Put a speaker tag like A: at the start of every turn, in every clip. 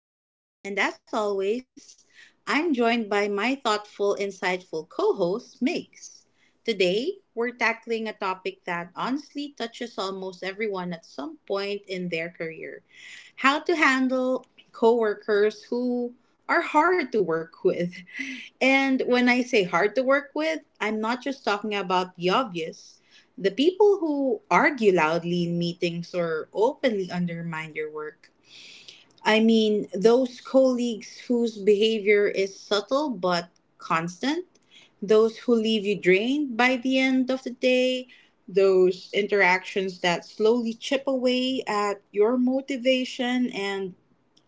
A: I'm Elle, and as always, I'm joined by my thoughtful, insightful co host, Migs. Today, we're tackling a topic that honestly touches almost everyone at some point in their career: how to handle coworkers who are hard to work with. And when I say hard to work with, I'm not just talking about the obvious. The people who argue loudly in meetings or openly undermine your work. I mean, those colleagues whose behavior is subtle but constant, those who leave you drained by the end of the day, those interactions that slowly chip away at your motivation and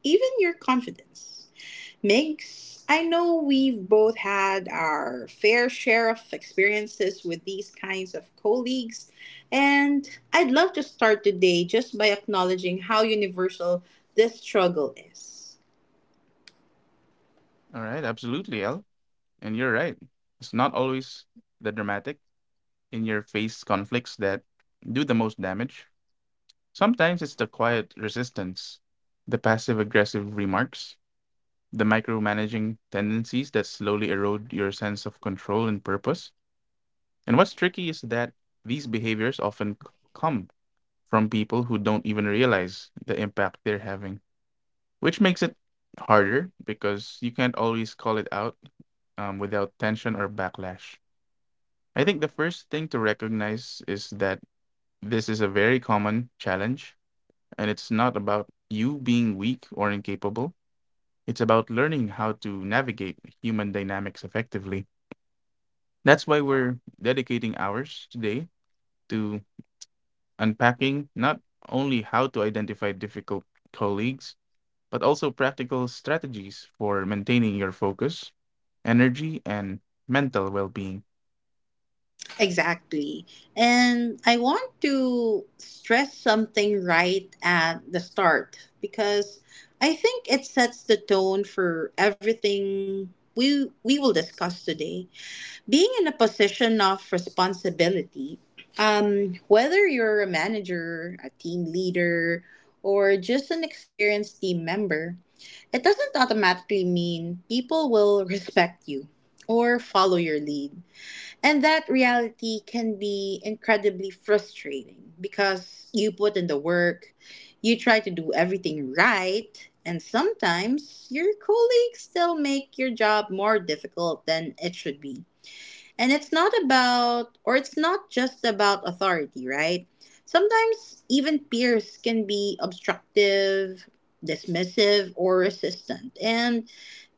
A: even your confidence. Mix, I know we've both had our fair share of experiences with these kinds of colleagues, and I'd love to start today just by acknowledging how universal this struggle is.
B: All right, absolutely, L. And you're right. It's not always the dramatic, in your face conflicts that do the most damage. Sometimes it's the quiet resistance, the passive aggressive remarks, the micromanaging tendencies that slowly erode your sense of control and purpose. And what's tricky is that these behaviors often come from people who don't even realize the impact they're having, which makes it harder because you can't always call it out without tension or backlash. I think the first thing to recognize is that this is a very common challenge, and it's not about you being weak or incapable. It's about learning how to navigate human dynamics effectively. That's why we're dedicating hours today to unpacking not only how to identify difficult colleagues, but also practical strategies for maintaining your focus, energy, and mental well-being.
A: Exactly. And I want to stress something right at the start because I think it sets the tone for everything we will discuss today. Being in a position of responsibility, whether you're a manager, a team leader, or just an experienced team member, it doesn't automatically mean people will respect you or follow your lead. And that reality can be incredibly frustrating because you put in the work, you try to do everything right, and sometimes your colleagues still make your job more difficult than it should be. And it's not about, or it's not just about authority, right? Sometimes even peers can be obstructive, dismissive, or resistant. And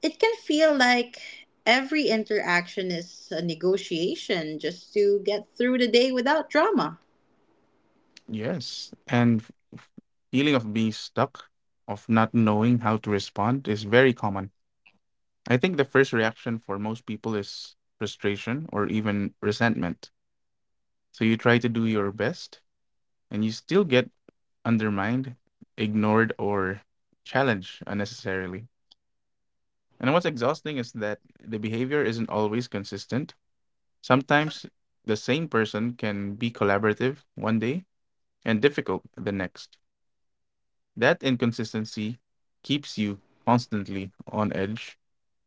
A: it can feel like every interaction is a negotiation just to get through the day without drama.
B: Yes, and feeling of being stuck, of not knowing how to respond is very common. I think the first reaction for most people is frustration or even resentment. So you try to do your best and you still get undermined, ignored, or challenged unnecessarily. And what's exhausting is that the behavior isn't always consistent. Sometimes the same person can be collaborative one day and difficult the next. That inconsistency keeps you constantly on edge,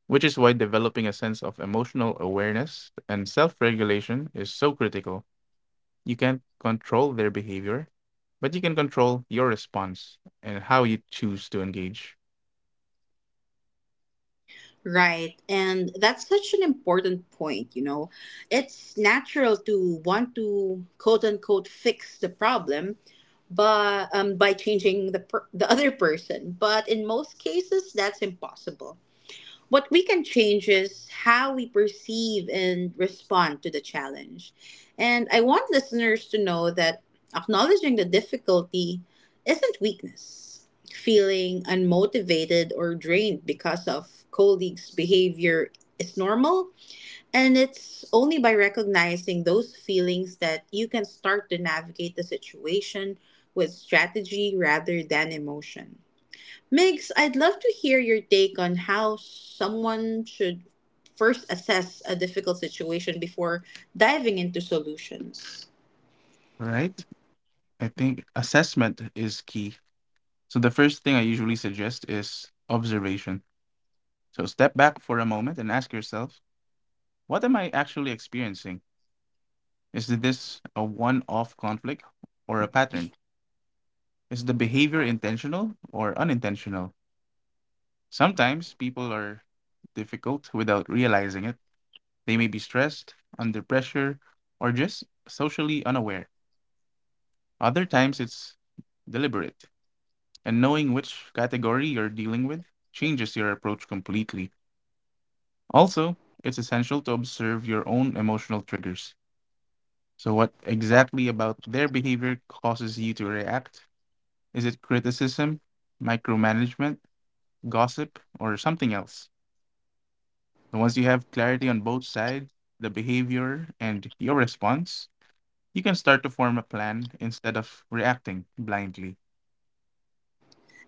B: which is why developing a sense of emotional awareness and self regulation is so critical. You can't control their behavior, but you can control your response and how you choose to engage.
A: Right. And that's such an important point, you know. It's natural to want to quote unquote fix the problem but by changing the the other person, but in most cases that's impossible. What we can change is how we perceive and respond to the challenge. And I want listeners to know that acknowledging the difficulty isn't weakness. Feeling unmotivated or drained because of colleagues' behavior is normal, and it's only by recognizing those feelings that you can start to navigate the situation with strategy rather than emotion. Migs, I'd love to hear your take on how someone should first assess a difficult situation before diving into solutions.
B: All right. I think assessment is key. So the first thing I usually suggest is observation. So step back for a moment and ask yourself, what am I actually experiencing? Is this a one off conflict or a pattern? Is the behavior intentional or unintentional? Sometimes people are difficult without realizing it. They may be stressed, under pressure, or just socially unaware. Other times it's deliberate, and knowing which category you're dealing with changes your approach completely. Also, it's essential to observe your own emotional triggers. So what exactly about their behavior causes you to react? Is it criticism, micromanagement, gossip, or something else? So once you have clarity on both sides, the behavior and your response, you can start to form a plan instead of reacting blindly.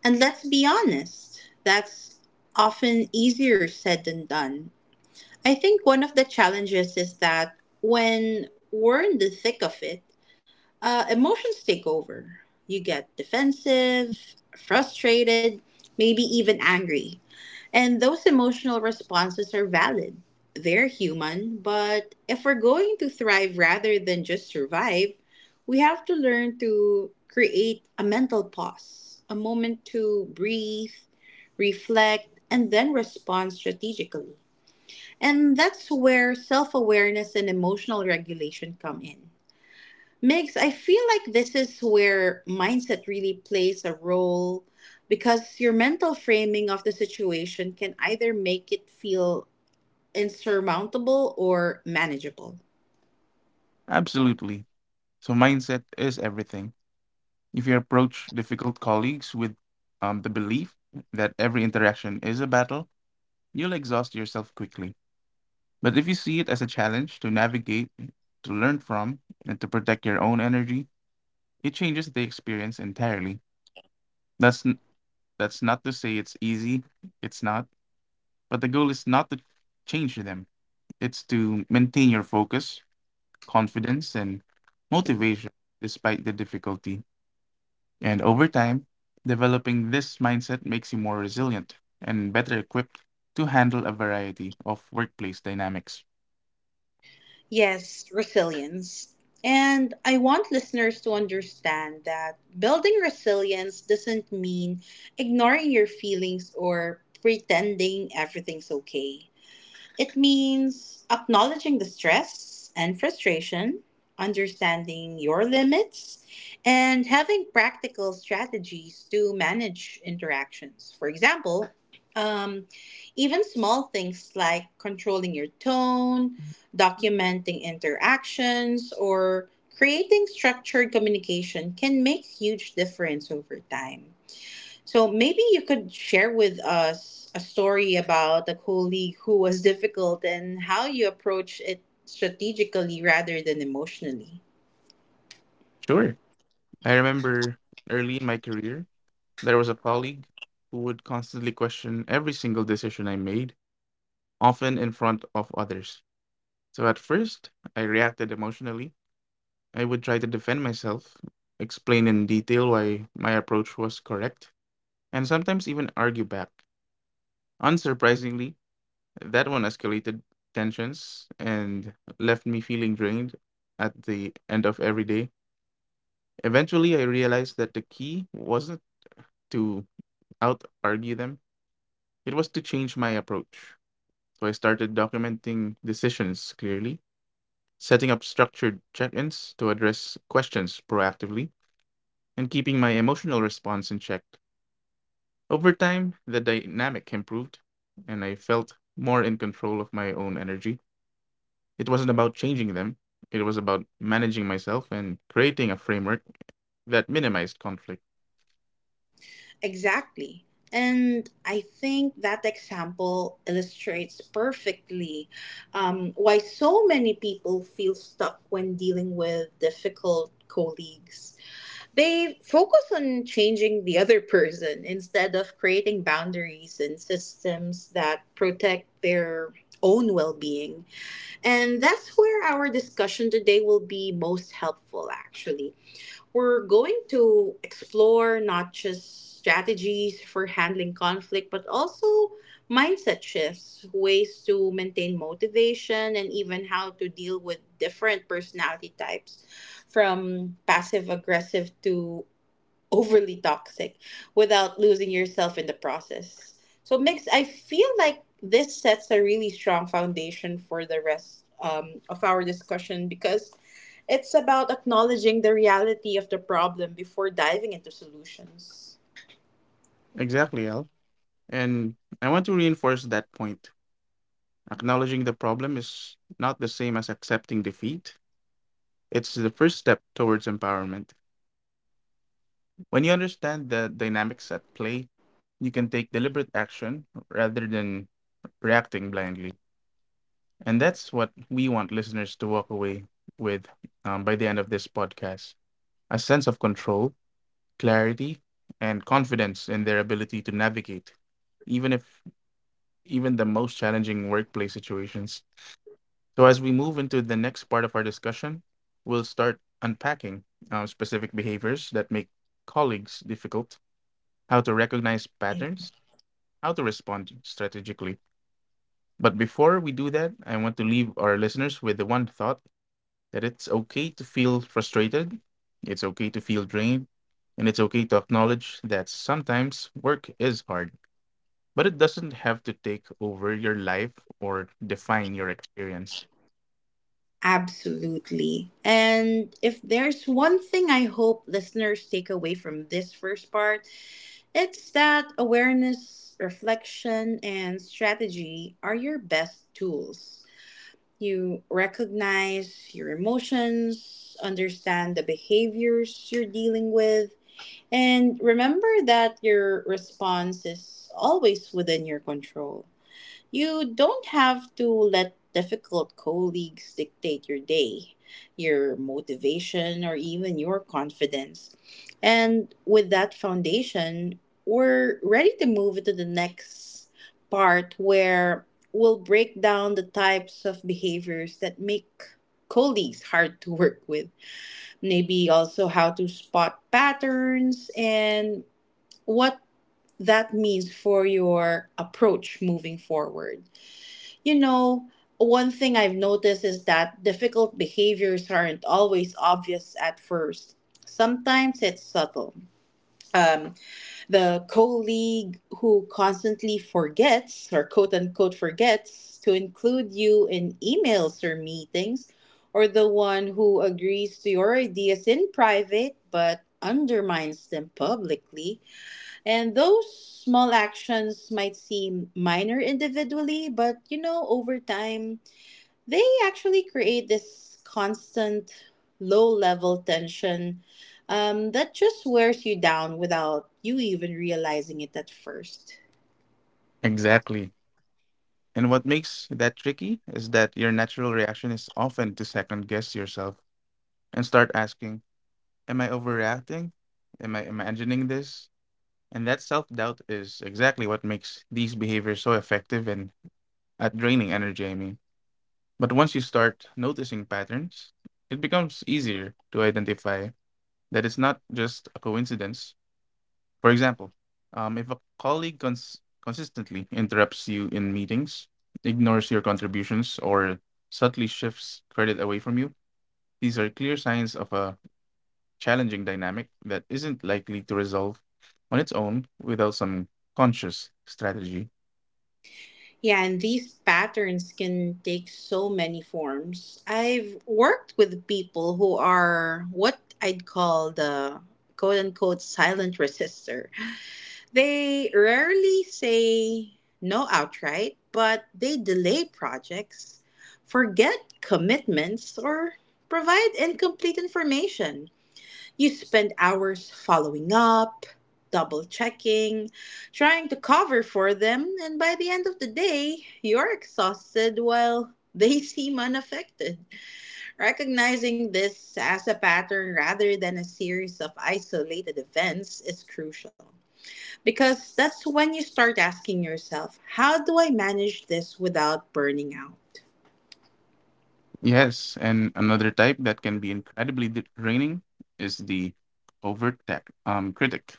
A: And let's be honest, that's often easier said than done. I think one of the challenges is that when we're in the thick of it, emotions take over. You get defensive, frustrated, maybe even angry. And those emotional responses are valid. They're human, but if we're going to thrive rather than just survive, we have to learn to create a mental pause, a moment to breathe, reflect, and then respond strategically. And that's where self awareness and emotional regulation come in. Megs, I feel like this is where mindset really plays a role because your mental framing of the situation can either make it feel insurmountable or manageable.
B: Absolutely. So mindset is everything. If you approach difficult colleagues with the belief that every interaction is a battle, you'll exhaust yourself quickly. But if you see it as a challenge to navigate, to learn from, and to protect your own energy, it changes the experience entirely. That's n- that's not to say it's easy. It's not. But the goal is not to change them. It's to maintain your focus, confidence, and motivation despite the difficulty. And over time, developing this mindset makes you more resilient and better equipped to handle a variety of workplace dynamics.
A: Yes, resilience. And I want listeners to understand that building resilience doesn't mean ignoring your feelings or pretending everything's okay. It means acknowledging the stress and frustration, understanding your limits, and having practical strategies to manage interactions. For example, um, even small things like controlling your tone, documenting interactions, or creating structured communication can make huge difference over time. So maybe you could share with us a story about a colleague who was difficult and how you approach it strategically rather than emotionally.
B: Sure. I remember early in my career, there was a colleague who would constantly question every single decision I made, often in front of others. So at first, I reacted emotionally. I would try to defend myself, explain in detail why my approach was correct, and sometimes even argue back. Unsurprisingly, that one escalated tensions and left me feeling drained at the end of every day. Eventually, I realized that the key wasn't to out argue them, it was to change my approach. So I started documenting decisions clearly, setting up structured check ins to address questions proactively, and keeping my emotional response in check. Over time, the dynamic improved, and I felt more in control of my own energy. It wasn't about changing them, it was about managing myself and creating a framework that minimized conflict.
A: Exactly. And I think that example illustrates perfectly why so many people feel stuck when dealing with difficult colleagues. They focus on changing the other person instead of creating boundaries and systems that protect their own well being. And that's where our discussion today will be most helpful, actually. We're going to explore not just strategies for handling conflict, but also mindset shifts, ways to maintain motivation, and even how to deal with different personality types, from passive aggressive to overly toxic, without losing yourself in the process. So mix, I feel like this sets a really strong foundation for the rest of our discussion because it's about acknowledging the reality of the problem before diving into solutions.
B: Exactly, Al. And I want to reinforce that point. Acknowledging the problem is not the same as accepting defeat. It's the first step towards empowerment. When you understand the dynamics at play, you can take deliberate action rather than reacting blindly. And that's what we want listeners to walk away with by the end of this podcast, a sense of control, clarity, and confidence in their ability to navigate, even if even the most challenging workplace situations. So as we move into the next part of our discussion, we'll start unpacking specific behaviors that make colleagues difficult, how to recognize patterns, how to respond strategically. But before we do that, I want to leave our listeners with the one thought that it's okay to feel frustrated, it's okay to feel drained, and it's okay to acknowledge that sometimes work is hard, but it doesn't have to take over your life or define your experience.
A: Absolutely. And if there's one thing I hope listeners take away from this first part, it's that awareness, reflection, and strategy are your best tools. You recognize your emotions, understand the behaviors you're dealing with, and remember that your response is always within your control. You don't have to let difficult colleagues dictate your day, your motivation, or even your confidence. And with that foundation, we're ready to move to the next part, where we'll break down the types of behaviors that make colleagues hard to work with. Maybe also how to spot patterns and what that means for your approach moving forward. You know, one thing I've noticed is that difficult behaviors aren't always obvious at first. Sometimes it's subtle. Um, the colleague who constantly forgets, or quote unquote forgets, to include you in emails or meetings, or the one who agrees to your ideas in private but undermines them publicly. And those small actions might seem minor individually, but you know, over time they actually create this constant low level tension that just wears you down without you even realizing it at first.
B: Exactly. And what makes that tricky is that your natural reaction is often to second guess yourself and start asking, am I overreacting? Am I imagining this? And that self doubt is exactly what makes these behaviors so effective and at draining energy, I mean. But once you start noticing patterns, it becomes easier to identify that it's not just a coincidence. For example, if a colleague consistently interrupts you in meetings, ignores your contributions, or subtly shifts credit away from you, these are clear signs of a challenging dynamic that isn't likely to resolve on its own without some conscious strategy.
A: Yeah, and these patterns can take so many forms. I've worked with people who are what I'd call the quote unquote silent resistor. They rarely say no outright, but they delay projects, forget commitments, or provide incomplete information. You spend hours following up, double checking, trying to cover for them, and by the end of the day, you're exhausted while they seem unaffected. Recognizing this as a pattern rather than a series of isolated events is crucial. Because that's when you start asking yourself, how do I manage this without burning out?
B: Yes, and another type that can be incredibly draining is the overt tech, critic.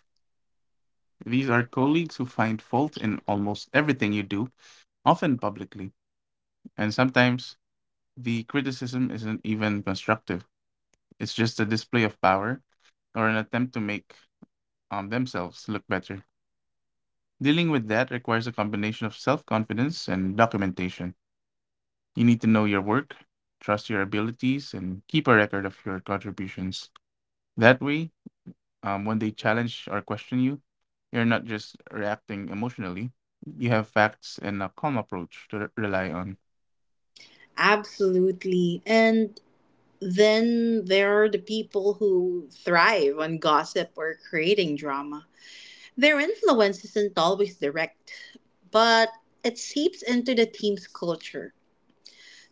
B: These are colleagues who find fault in almost everything you do, often publicly, and sometimes the criticism isn't even constructive. It's just a display of power or an attempt to make themselves look better. Dealing with that requires a combination of self confidence and documentation. You need to know your work, trust your abilities, and keep a record of your contributions. That way, when they challenge or question you, you're not just reacting emotionally. You have facts and a calm approach to rely on.
A: Absolutely. And then there are the people who thrive on gossip or creating drama. Their influence isn't always direct, but it seeps into the team's culture.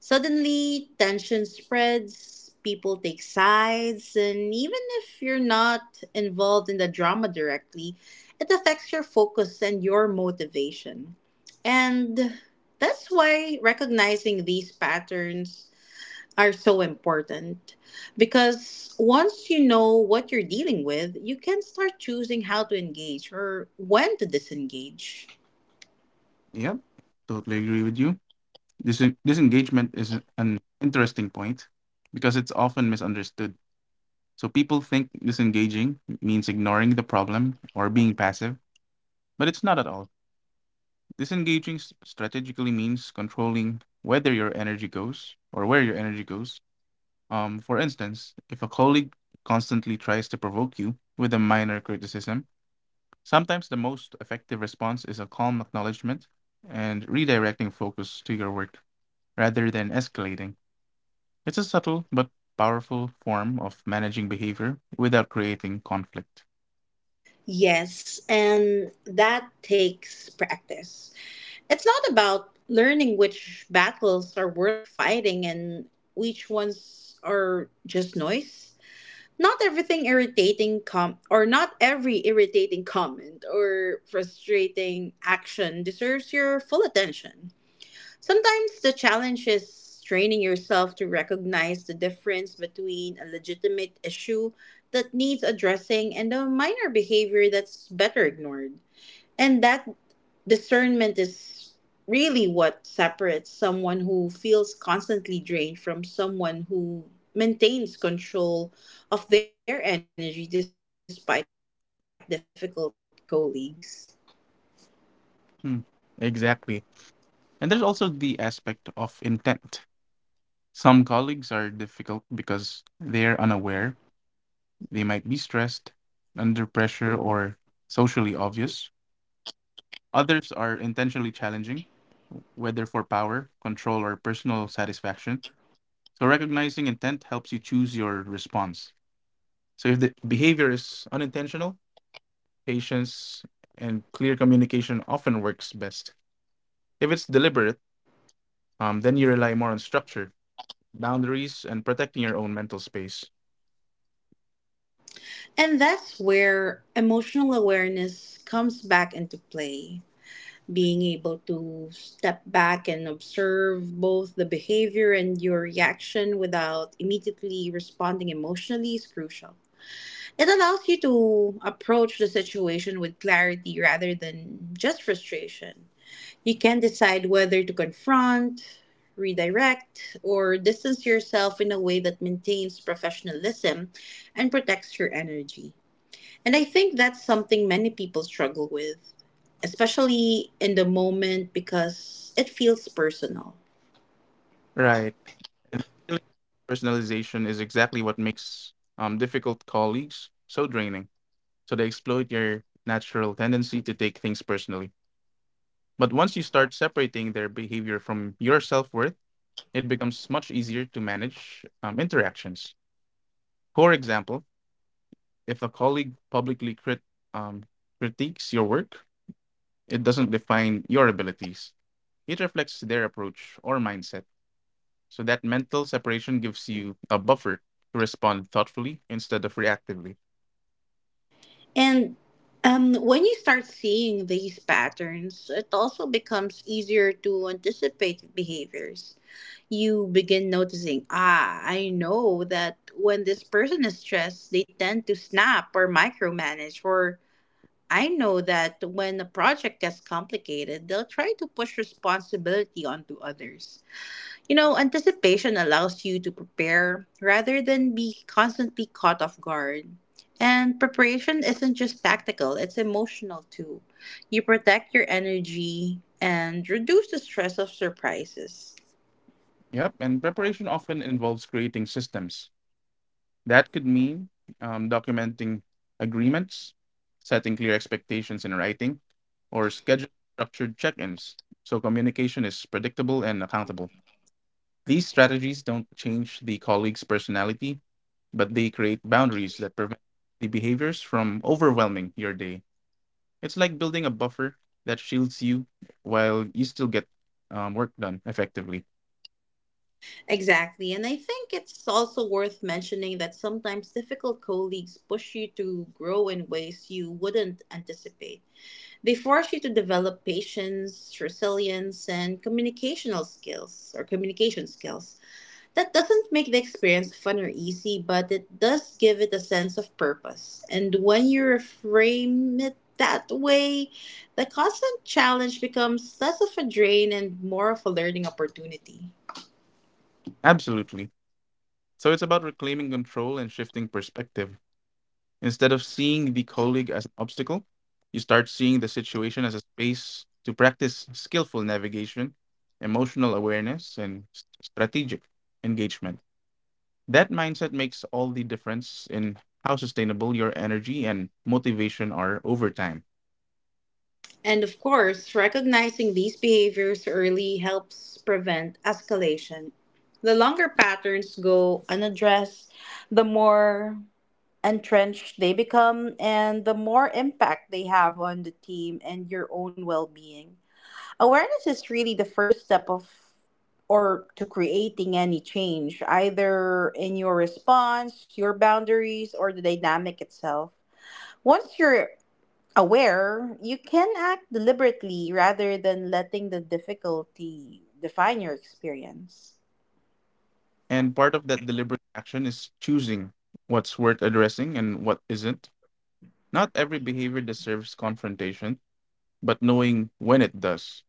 A: Suddenly, tension spreads, people take sides, and even if you're not involved in the drama directly, it affects your focus and your motivation. And that's why recognizing these patterns are so important because once you know what you're dealing with, you can start choosing how to engage or when to disengage.
B: Yep, totally agree with you. This disengagement is an interesting point because it's often misunderstood. So people think disengaging means ignoring the problem or being passive, but it's not at all. Disengaging strategically means controlling whether your energy goes or where your energy goes. For instance, if a colleague constantly tries to provoke you with a minor criticism, sometimes the most effective response is a calm acknowledgement and redirecting focus to your work rather than escalating. It's a subtle but powerful form of managing behavior without creating conflict.
A: Yes, and that takes practice. It's not about learning which battles are worth fighting and which ones are just noise. Not everything irritating com or not every irritating comment or frustrating action deserves your full attention. Sometimes the challenge is training yourself to recognize the difference between a legitimate issue that needs addressing and a minor behavior that's better ignored. And that discernment is really what separates someone who feels constantly drained from someone who maintains control of their energy despite difficult colleagues.
B: Hmm, exactly. And there's also the aspect of intent. Some colleagues are difficult because they're unaware, they might be stressed, under pressure, or socially obvious. Others are intentionally challenging, whether for power, control, or personal satisfaction. So recognizing intent helps you choose your response. So if the behavior is unintentional, patience and clear communication often works best. If it's deliberate, then you rely more on structure, boundaries, and protecting your own mental space.
A: And that's where emotional awareness comes back into play. Being able to step back and observe both the behavior and your reaction without immediately responding emotionally is crucial. It allows you to approach the situation with clarity rather than just frustration. You can decide whether to confront, redirect, or distance yourself in a way that maintains professionalism and protects your energy. And I think that's something many people struggle with, especially in the moment because it feels personal.
B: Right. Feeling personalization is exactly what makes difficult colleagues so draining. So they exploit your natural tendency to take things personally. But once you start separating their behavior from your self worth, it becomes much easier to manage interactions. For example, if a colleague publicly um, critiques your work, it doesn't define your abilities, it reflects their approach or mindset. So that mental separation gives you a buffer to respond thoughtfully instead of reactively.
A: And when you start seeing these patterns, it also becomes easier to anticipate behaviors. You begin noticing, ah, I know that when this person is stressed, they tend to snap or micromanage, or I know that when a project gets complicated, they'll try to push responsibility onto others. You know, anticipation allows you to prepare rather than be constantly caught off guard. And preparation isn't just tactical, it's emotional too. You protect your energy and reduce the stress of surprises.
B: Yep, and preparation often involves creating systems. That could mean documenting agreements, setting clear expectations in writing, or scheduling structured check ins so communication is predictable and accountable. These strategies don't change the colleague's personality, but they create boundaries that prevent the behaviors from overwhelming your day. It's like building a buffer that shields you while you still get work done effectively.
A: Exactly. And I think it's also worth mentioning that sometimes difficult colleagues push you to grow in ways you wouldn't anticipate. They force you to develop patience, resilience, and communicational skills or communication skills. That doesn't make the experience fun or easy, but it does give it a sense of purpose. And when you reframe it that way, the constant challenge becomes less of a drain and more of a learning opportunity.
B: Absolutely. So it's about reclaiming control and shifting perspective. Instead of seeing the colleague as an obstacle, you start seeing the situation as a space to practice skillful navigation, emotional awareness, and strategic engagement. That mindset makes all the difference in how sustainable your energy and motivation are over time.
A: And of course, recognizing these behaviors early helps prevent escalation. The longer patterns go unaddressed, the more entrenched they become and the more impact they have on the team and your own well being. Awareness is really the first step of or to creating any change, either in your response, your boundaries, or the dynamic itself. Once you're aware, you can act deliberately rather than letting the difficulty define your experience.
B: And part of that deliberate action is choosing what's worth addressing and what isn't. Not every behavior deserves confrontation, but knowing when it does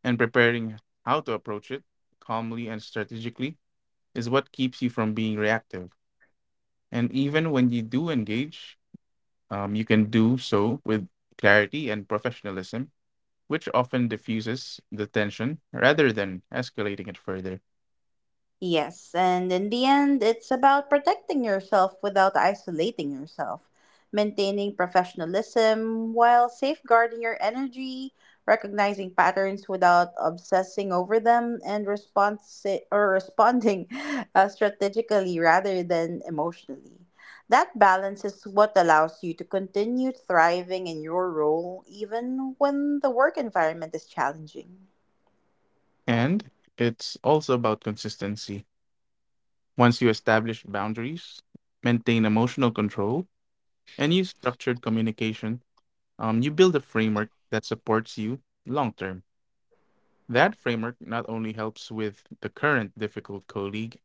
B: and preparing how to approach it calmly and strategically is what keeps you from being reactive. And even when you do engage, you can do so with clarity and professionalism, which often diffuses the tension rather than escalating it further.
A: Yes, and in the end, it's about protecting yourself without isolating yourself, maintaining professionalism while safeguarding your energy, recognizing patterns without obsessing over them, and responsi- or responding strategically rather than emotionally. That balance is what allows you to continue thriving in your role even when the work environment is challenging.
B: And it's also about consistency. Once you establish boundaries, maintain emotional control, and use structured communication, you build a framework that supports you long term. That framework not only helps with the current difficult colleague,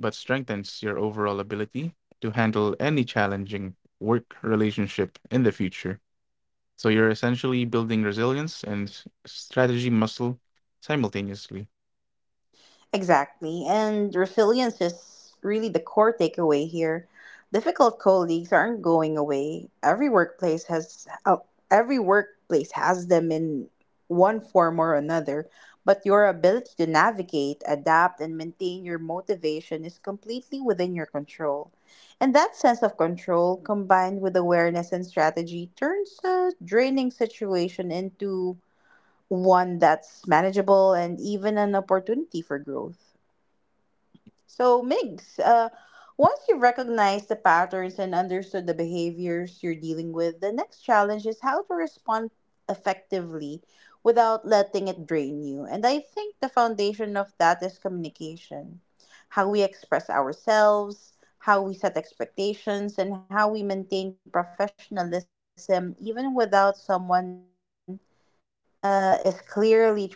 B: but strengthens your overall ability to handle any challenging work relationship in the future. So you're essentially building resilience and strategy muscle simultaneously.
A: Exactly. And resilience is really the core takeaway here. Difficult colleagues aren't going away. Every workplace has them in one form or another, but your ability to navigate, adapt and maintain your motivation is completely within your control. And that sense of control combined with awareness and strategy turns a draining situation into one that's manageable and even an opportunity for growth. So, Migs, once you've recognized the patterns and understood the behaviors you're dealing with, the next challenge is how to respond effectively without letting it drain you. And I think the foundation of that is communication, how we express ourselves, how we set expectations, and how we maintain professionalism even without someone is clearly trying to push our buttons.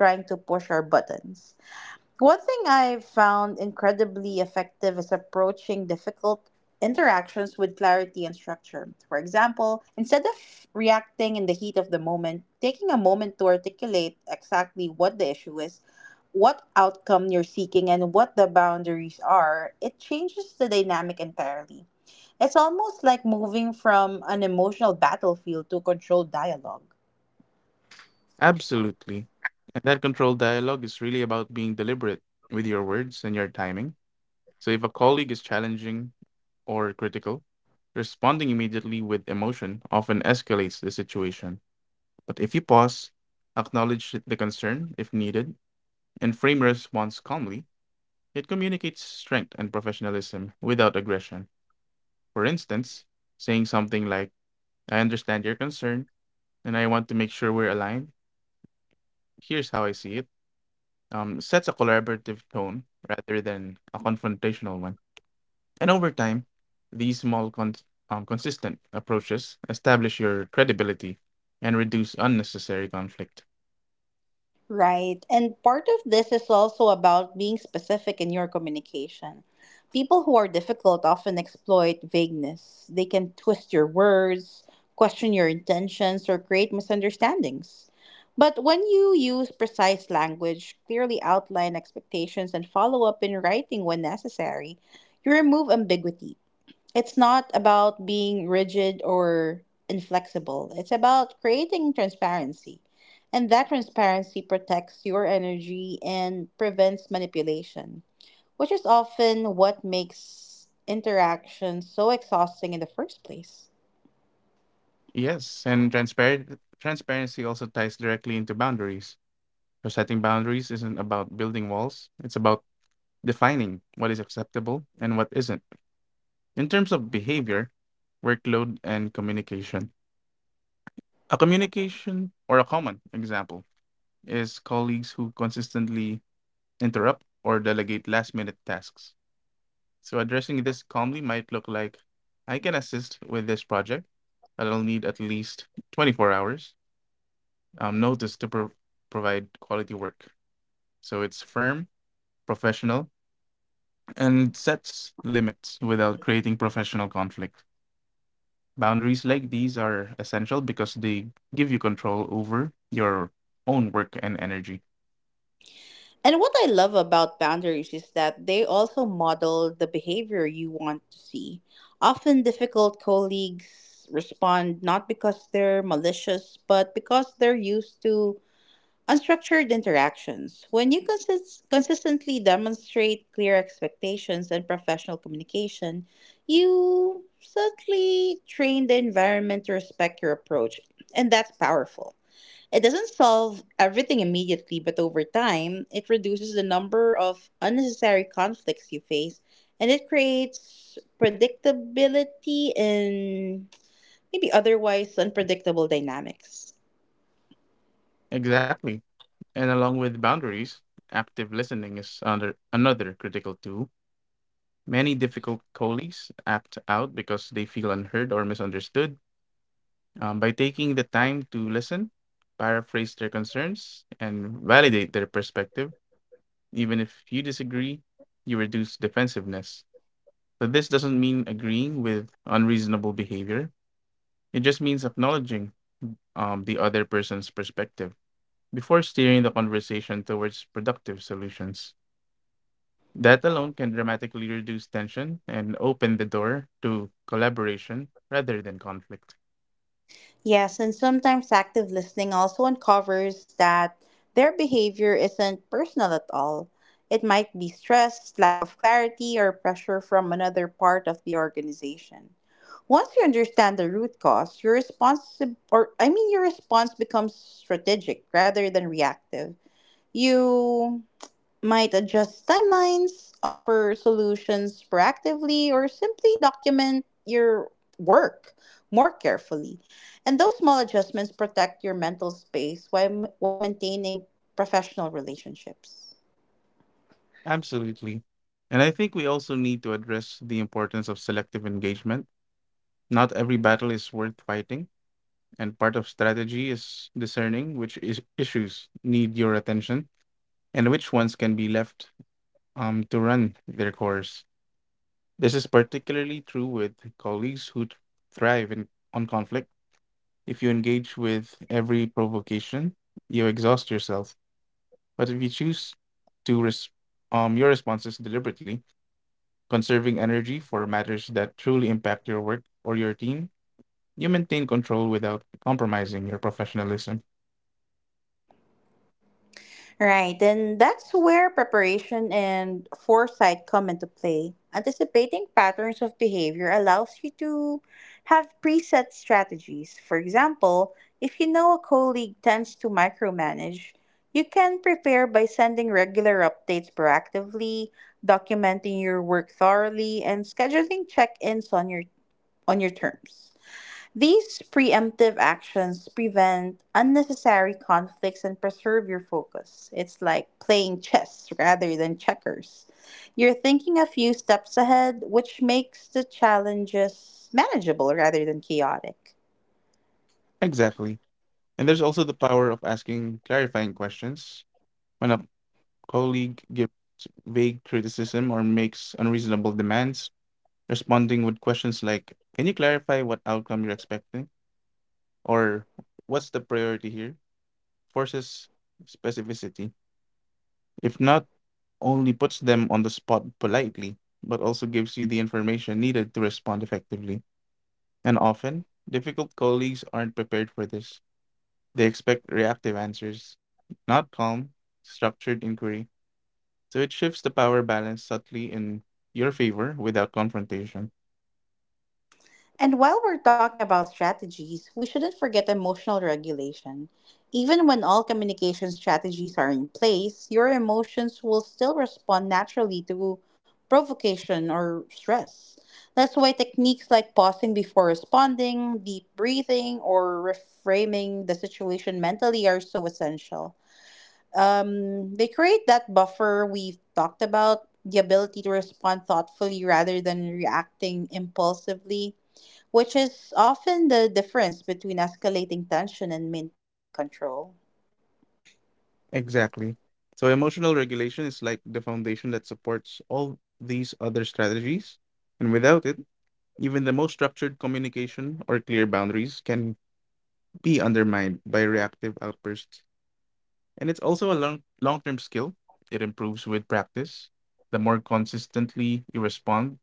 A: One thing I've found incredibly effective is approaching difficult interactions with clarity and structure. For example, instead of reacting in the heat of the moment, taking a moment to articulate exactly what the issue is, what outcome you're seeking, and what the boundaries are, it changes the dynamic entirely. It's almost like moving from an emotional battlefield to controlled dialogue.
B: Absolutely. And that controlled dialogue is really about being deliberate with your words and your timing. So if a colleague is challenging or critical, responding immediately with emotion often escalates the situation. But if you pause, acknowledge the concern if needed, and frame your response calmly, it communicates strength and professionalism without aggression. For instance, saying something like, I understand your concern, and I want to make sure we're aligned. Here's how I see it. Sets a collaborative tone rather than a confrontational one. And over time, these consistent approaches establish your credibility and reduce unnecessary conflict.
A: Right. And part of this is also about being specific in your communication. People who are difficult often exploit vagueness. They can twist your words, question your intentions, or create misunderstandings. But when you use precise language, clearly outline expectations, and follow up in writing when necessary, you remove ambiguity. It's not about being rigid or inflexible. It's about creating transparency. And that transparency protects your energy and prevents manipulation, which is often what makes interaction so exhausting in the first place.
B: Yes, and transparent transparency also ties directly into boundaries. So setting boundaries isn't about building walls, it's about defining what is acceptable and what isn't, in terms of behavior, workload and communication. A communication or a common example is colleagues who consistently interrupt or delegate last minute tasks. So addressing this calmly might look like, I can assist with this project, but I'll need at least 24 hours um, notice to pro- provide quality work. So it's firm, professional, and sets limits without creating professional conflict. Boundaries like these are essential because they give you control over your own work and energy.
A: And what I love about boundaries is that they also model the behavior you want to see. Often difficult colleagues respond not because they're malicious, but because they're used to unstructured interactions. When you consistently demonstrate clear expectations and professional communication, you subtly train the environment to respect your approach, and that's powerful. It doesn't solve everything immediately, but over time, it reduces the number of unnecessary conflicts you face, and it creates predictability in maybe otherwise unpredictable dynamics.
B: Exactly. And along with boundaries, active listening is under another critical tool. Many difficult colleagues act out because they feel unheard or misunderstood. By taking the time to listen, paraphrase their concerns, and validate their perspective, even if you disagree, you reduce defensiveness. So this doesn't mean agreeing with unreasonable behavior, it just means acknowledging the other person's perspective before steering the conversation towards productive solutions. That alone can dramatically reduce tension and open the door to collaboration rather than conflict.
A: Yes, and sometimes active listening also uncovers that their behavior isn't personal at all. It might be stress, lack of clarity, or pressure from another part of the organization. Once you understand the root cause, your response or I mean your response becomes strategic rather than reactive. You might adjust timelines, offer solutions proactively, or simply document your work more carefully. And those small adjustments protect your mental space while maintaining professional relationships.
B: Absolutely. And I think we also need to address the importance of selective engagement. Not every battle is worth fighting, and part of strategy is discerning issues need your attention and which ones can be left to run their course. This is particularly true with colleagues who thrive on conflict. If you engage with every provocation, you exhaust yourself. But if you choose to res- your responses deliberately, conserving energy for matters that truly impact your work or your team, you maintain control without compromising your professionalism.
A: Right, and that's where preparation and foresight come into play. Anticipating patterns of behavior allows you to have preset strategies. For example, if you know a colleague tends to micromanage, you can prepare by sending regular updates proactively, documenting your work thoroughly, and scheduling check-ins on your terms. These preemptive actions prevent unnecessary conflicts and preserve your focus. It's like playing chess rather than checkers. You're thinking a few steps ahead, which makes the challenges manageable rather than chaotic.
B: Exactly. And there's also the power of asking clarifying questions. When a colleague gives vague criticism or makes unreasonable demands, responding with questions like, can you clarify what outcome you're expecting? Or, what's the priority here? Forces specificity. If not, only puts them on the spot politely, but also gives you the information needed to respond effectively. And often, difficult colleagues aren't prepared for this. They expect reactive answers, not calm, structured inquiry. So it shifts the power balance subtly in your favor without confrontation.
A: And while we're talking about strategies, we shouldn't forget emotional regulation. Even when all communication strategies are in place, your emotions will still respond naturally to provocation or stress. That's why techniques like pausing before responding, deep breathing, or reframing the situation mentally are so essential. They create that buffer we've talked about, the ability to respond thoughtfully rather than reacting impulsively, which is often the difference between escalating tension and maintaining control.
B: Exactly. So emotional regulation is like the foundation that supports all these other strategies. And without it, even the most structured communication or clear boundaries can be undermined by reactive outbursts. And it's also a long term skill. It improves with practice. The more consistently you respond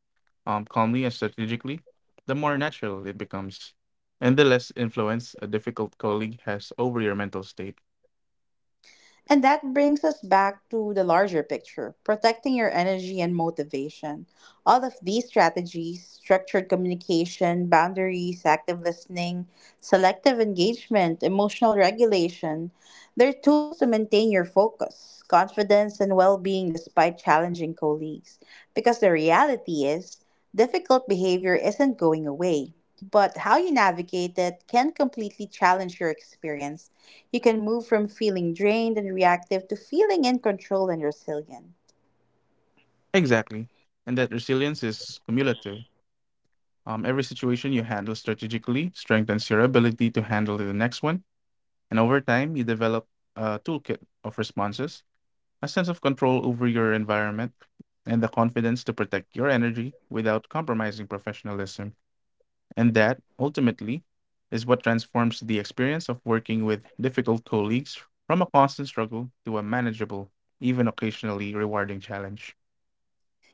B: calmly and strategically, the more natural it becomes. And the less influence a difficult colleague has over your mental state.
A: And that brings us back to the larger picture, protecting your energy and motivation. All of these strategies, structured communication, boundaries, active listening, selective engagement, emotional regulation, they're tools to maintain your focus, confidence, and well being despite challenging colleagues. Because the reality is, difficult behavior isn't going away, but how you navigate it can completely challenge your experience. You can move from feeling drained and reactive to feeling in control and resilient.
B: Exactly. And that resilience is cumulative. Every situation you handle strategically strengthens your ability to handle the next one. And over time, you develop a toolkit of responses, a sense of control over your environment, and the confidence to protect your energy without compromising professionalism. And that, ultimately, is what transforms the experience of working with difficult colleagues from a constant struggle to a manageable, even occasionally rewarding challenge.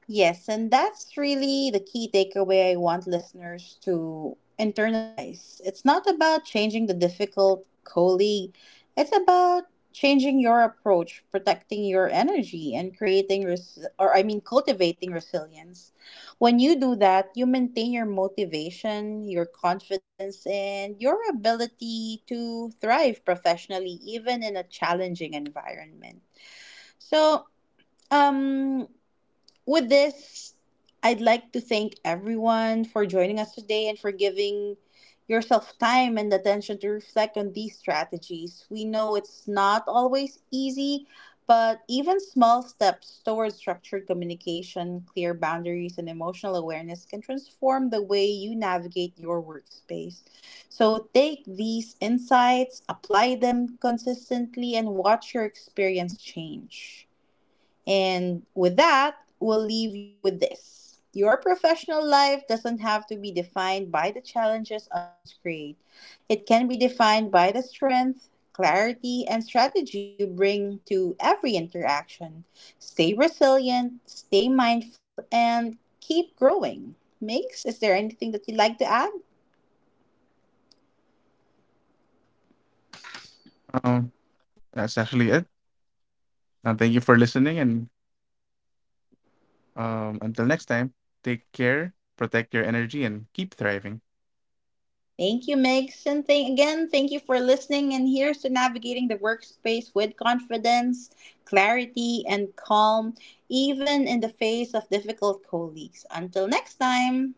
A: Yes, and that's really the key takeaway I want listeners to internalize. It's not about changing the difficult colleague, it's about changing your approach, protecting your energy, and creating, res- or I mean, cultivating resilience. When you do that, you maintain your motivation, your confidence, and your ability to thrive professionally, even in a challenging environment. So, um, with this, I'd like to thank everyone for joining us today and for giving yourself time and attention to reflect on these strategies. We know it's not always easy, but even small steps towards structured communication, clear boundaries, and emotional awareness can transform the way you navigate your workspace. So take these insights, apply them consistently, and watch your experience change. And with that, we'll leave you with this. Your professional life doesn't have to be defined by the challenges others create. It can be defined by the strength, clarity, and strategy you bring to every interaction. Stay resilient, stay mindful, and keep growing. Mix, is there anything that you'd like to add?
B: Um, that's actually it. Thank you for listening. And until next time, take care, protect your energy, and keep thriving.
A: Thank you, Megs. And thank you for listening. And here's to navigating the workspace with confidence, clarity, and calm, even in the face of difficult colleagues. Until next time.